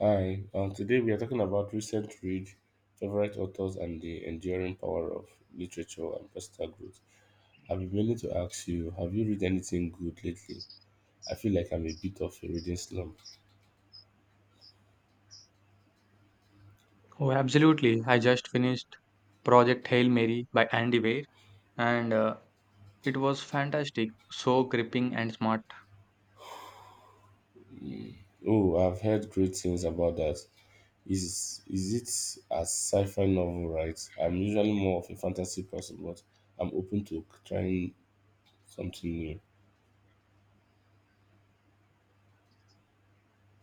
Hi, today we are talking about recent read, favorite authors, and the enduring power of literature and personal growth. I've been meaning to ask you, have you read anything good lately? I feel like I'm a bit of a reading slump. Oh, absolutely. I just finished Project Hail Mary by Andy Weir, and it was fantastic. So gripping and smart. Oh, I've heard great things about that. Is it a sci-fi novel, right? I'm usually more of a fantasy person, but I'm open to trying something new.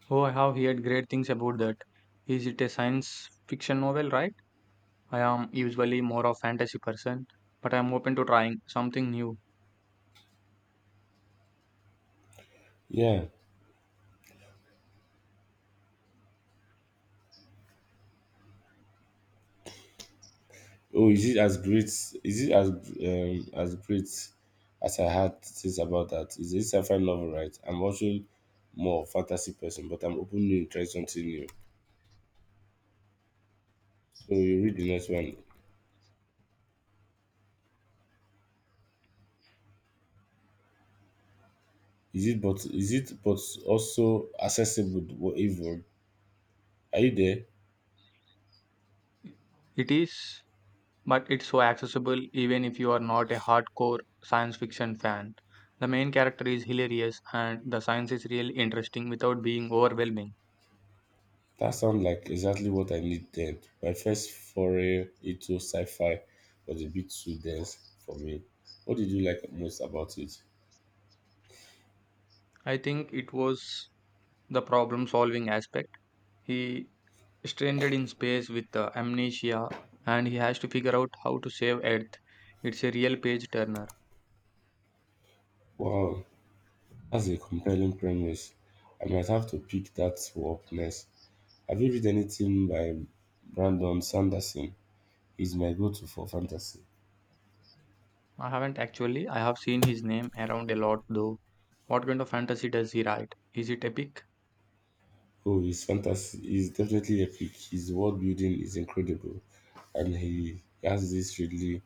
Oh, I have heard great things about that. Is it a science fiction novel, right? I am usually more of fantasy person, but I'm open to trying something new. Yeah. Oh, is it as great? Is it as great as I had to think about that? Is it sci-fi novel, right? I'm also more fantasy person, but I'm open to try something new. So you read the next one. Is it but also accessible or evil? Are you there? It is, but it's so accessible even if you are not a hardcore science fiction fan. The main character is hilarious, and the science is really interesting without being overwhelming. That sounds like exactly what I need then. My first foray into sci-fi was a bit too dense for me. What did you like most about it? I think it was the problem solving aspect. He stranded in space with amnesia and he has to figure out how to save Earth. It's a real page turner. Wow, that's a compelling premise. I might have to pick that up next. Have you read anything by Brandon Sanderson? He's my go-to for fantasy. I haven't actually. I have seen his name around a lot though. What kind of fantasy does he write? Is it epic? Oh, his fantasy is definitely epic. His world building is incredible, and he has this really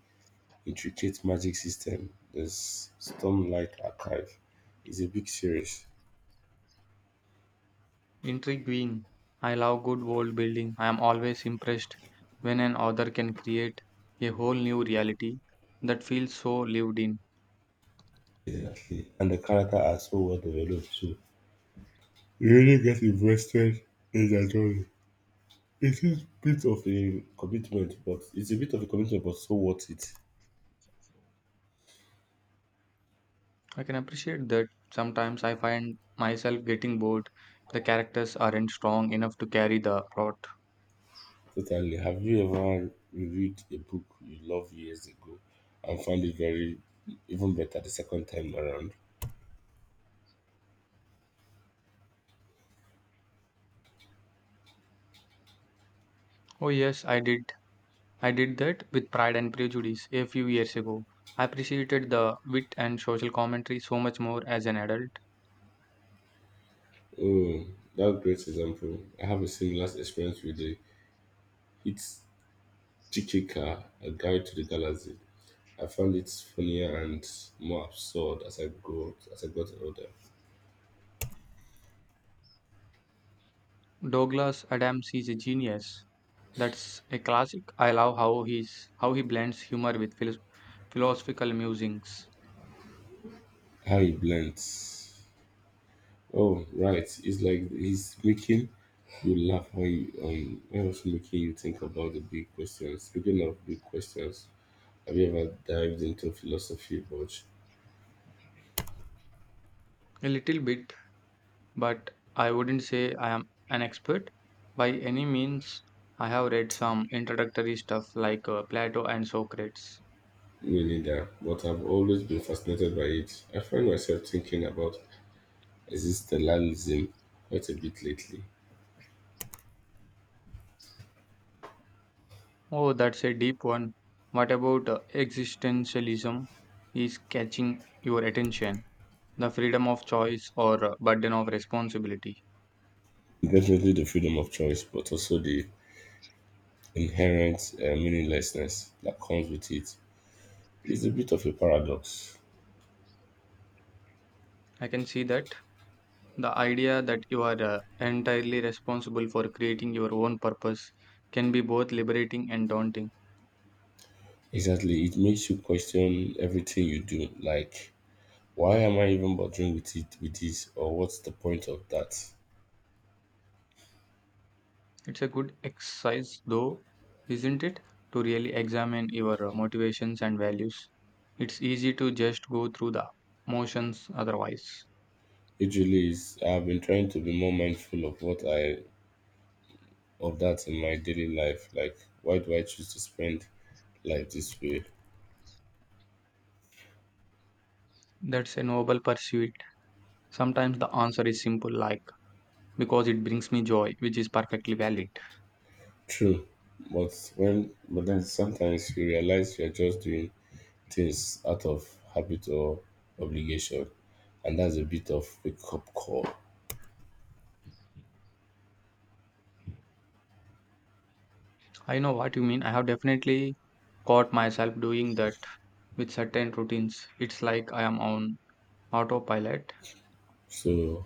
intricate magic system. The Stormlight Archive is a big series, Intriguing. I love good world building. I am always impressed when an author can create a whole new reality that feels so lived in. exactly, and the character are so well developed too. You really get invested in the story. It's a bit of a commitment, but so worth it. I can appreciate that sometimes I find myself getting bored. The characters aren't strong enough to carry the plot. Totally. Have you ever reviewed a book you loved years ago and found it very even better the second time around? Oh, yes, I did. I did that with Pride and Prejudice a few years ago. I appreciated the wit and social commentary so much more as an adult. Oh, that's a great example. I have a similar experience with the It's Chichika, A Guide to the Galaxy. I found it funnier and more absurd as I got older. Douglas Adams is a genius. That's a classic. I love how he blends humor with philosophical musings. How it blends. Oh, right. It's like he's making you laugh when you when also making you think about the big questions. Speaking of big questions, have you ever dived into philosophy much? A little bit but I wouldn't say I am an expert by any means. I have read some introductory stuff like Plato and Socrates. Me neither, but I've always been fascinated by it. I find myself thinking about existentialism quite a bit lately. Oh, that's a deep one. What about existentialism is catching your attention? The freedom of choice or burden of responsibility. Definitely the freedom of choice, but also the inherent meaninglessness that comes with it. It's a bit of a paradox. I can see that. The idea that you are entirely responsible for creating your own purpose can be both liberating and daunting. Exactly, it makes you question everything you do, like why am I even bothering with this or what's the point of that? It's a good exercise, though, isn't it? To really examine your motivations and values. It's easy to just go through the motions otherwise. It really is. I've been trying to be more mindful of what I of that in my daily life. Like why do I choose to spend life this way? That's a noble pursuit. Sometimes the answer is simple, like because it brings me joy, which is perfectly valid. True. But then sometimes you realize you're just doing things out of habit or obligation, and that's a bit of wake up call. I know what you mean. I have definitely caught myself doing that with certain routines. It's like I am on autopilot. So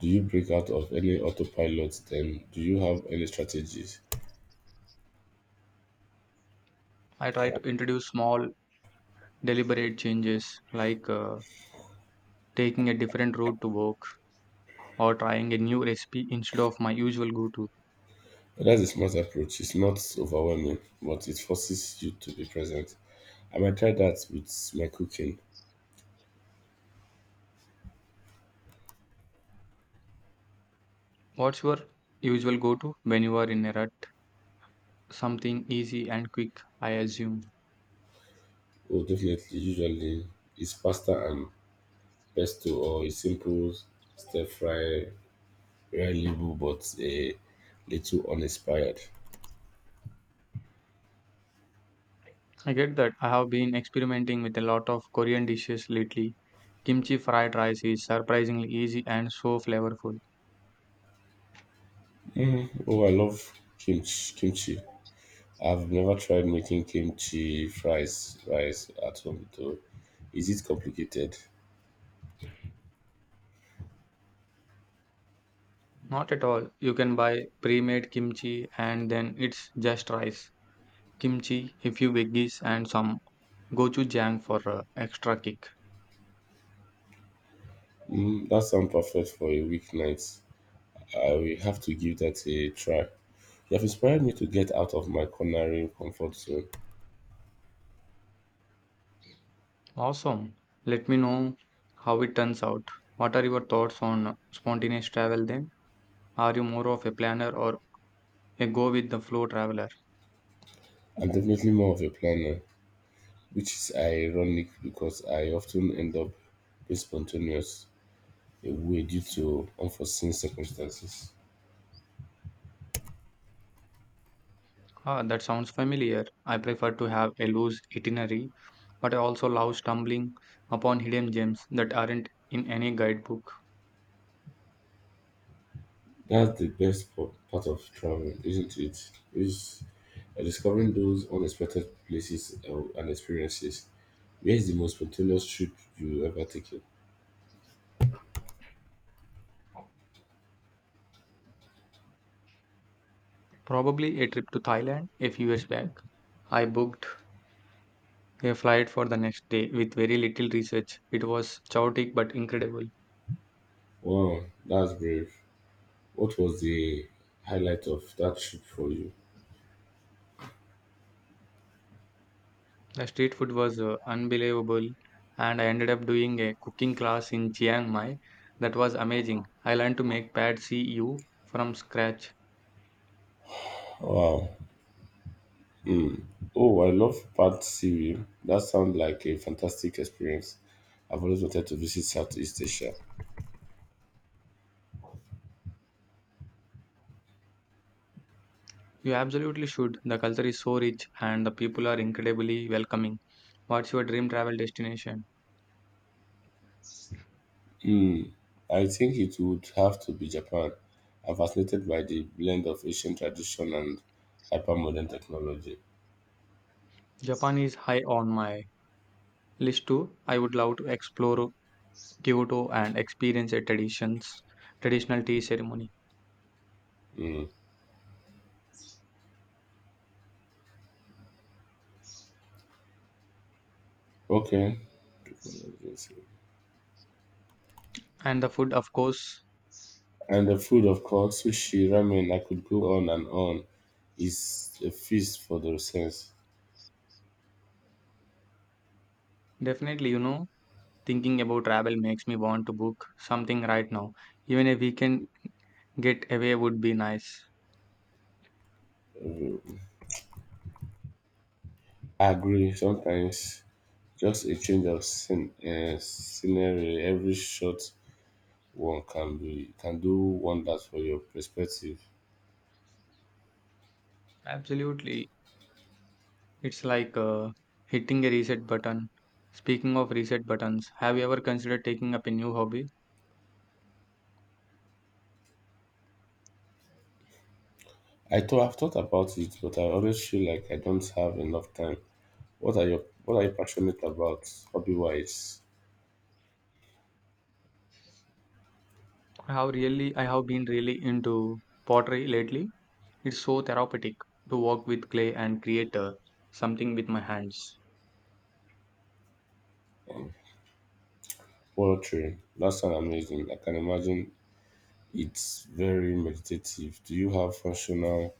do you break out of any autopilot then? Do you have any strategies? I try to introduce small, deliberate changes, like taking a different route to work or trying a new recipe instead of my usual go to. That's a smart approach. It's not overwhelming, but it forces you to be present. I might try that with my cooking. What's your usual go to when you are in a rut? Something easy and quick, I assume. Oh, definitely. Usually, it's pasta and pesto or a simple stir fry, reliable but a little uninspired. I get that. I have been experimenting with a lot of Korean dishes lately. Kimchi fried rice is surprisingly easy and so flavorful. Oh, I love kimchi. Kimchi. I've never tried making kimchi fries rice at home though. Is it complicated? Not at all. You can buy pre made kimchi and then it's just rice, kimchi, a few veggies, and some gochujang for extra kick. Mm, that sounds perfect for a weeknight. I will have to give that a try. You have inspired me to get out of my culinary comfort zone. Awesome. Let me know how it turns out. What are your thoughts on spontaneous travel then? Are you more of a planner or a go with the flow traveler? I'm definitely more of a planner, which is ironic because I often end up being spontaneous away due to unforeseen circumstances. Ah, that sounds familiar. I prefer to have a loose itinerary, but I also love stumbling upon hidden gems that aren't in any guidebook. That's the part of traveling, isn't it? Is discovering those unexpected places and experiences. Where's the most spontaneous trip you ever taken? Probably a trip to Thailand a few years back. I booked a flight for the next day with very little research. It was chaotic but incredible. Wow, that's brave. What was the highlight of that trip for you? The street food was unbelievable, and I ended up doing a cooking class in Chiang Mai. That was amazing. I learned to make pad see ew from scratch. Wow. Oh, I love Pat Seaway. That sounds like a fantastic experience. I've always wanted to visit Southeast Asia. You absolutely should. The culture is so rich, and the people are incredibly welcoming. What's your dream travel destination? Hmm. I think it would have to be Japan. I'm fascinated by the blend of Asian tradition and hypermodern technology. Japan is high on my list too. I would love to explore Kyoto and experience traditional tea ceremony, Hmm. Okay. and the food, of course. And the food, of course, sushi, ramen, I could go on and on. It's a feast for the sense. Definitely, thinking about travel makes me want to book something right now. Even a weekend getaway would be nice. I agree, sometimes just a change of scenery, every short one can do wonders for your perspective. Absolutely. It's like hitting a reset button. Speaking of reset buttons, have you ever considered taking up a new hobby? I've thought about it, but I always feel like I don't have enough time. What are you passionate about, hobby wise? I have been really into pottery lately. It's so therapeutic to work with clay and create something with my hands. Poetry. That sounds amazing. I can imagine it's very meditative. Do you have functional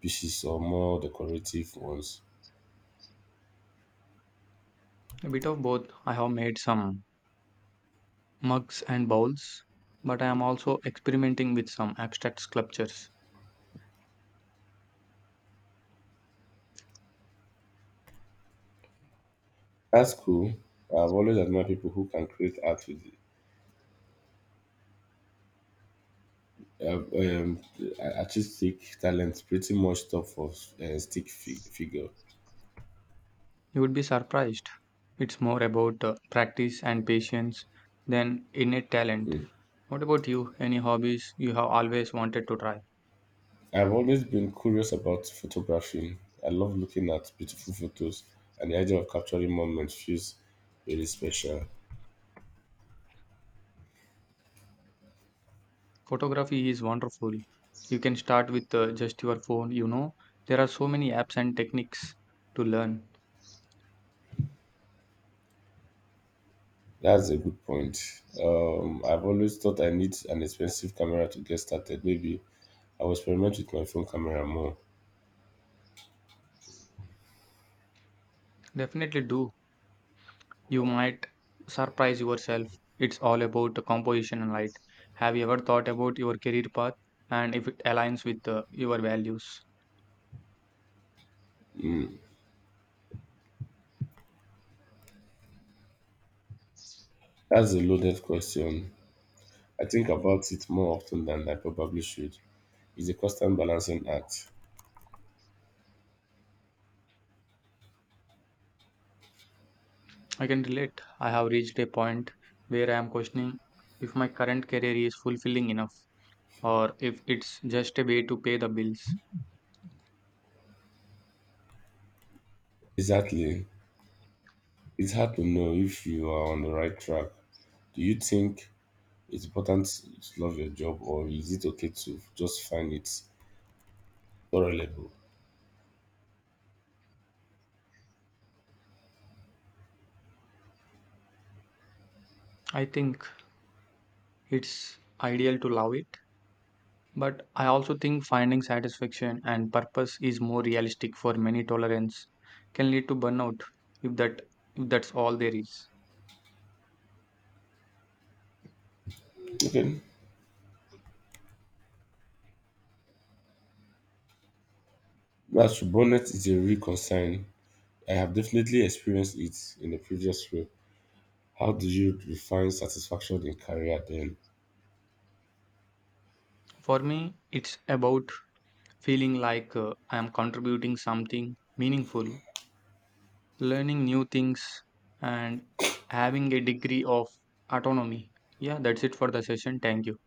pieces or more decorative ones? A bit of both. I have made some mugs and bowls, but I am also experimenting with some abstract sculptures. That's cool. I've always admired people who can create art with Uh, um, artistic talent pretty much stop of stick figure. You would be surprised. It's more about practice and patience than innate talent. Hmm. What about you? Any hobbies you have always wanted to try? I've always been curious about photography. I love looking at beautiful photos, and the idea of capturing moments feels really special. Photography is wonderful. You can start with just your phone, you know. There are so many apps and techniques to learn. That's a good point. I've always thought I need an expensive camera to get started. Maybe I'll experiment with my phone camera more. Definitely do. You might surprise yourself. It's all about the composition and light. Have you ever thought about your career path and if it aligns with your values? That's a loaded question. I think about it more often than I probably should. It's a constant balancing act. I can relate. I have reached a point where I am questioning if my current career is fulfilling enough or if it's just a way to pay the bills. Exactly. It's hard to know if you are on the right track. Do you think it's important to love your job or is it okay to just find it tolerable? I think it's ideal to love it, but I also think finding satisfaction and purpose is more realistic for many tolerance can lead to burnout if that if that's all there is. Okay. As to burnout is a real concern, I have definitely experienced it in a previous way. How do you define satisfaction in career then? For me, it's about feeling like I am contributing something meaningful, learning new things, and having a degree of autonomy. Yeah, that's it for the session. Thank you.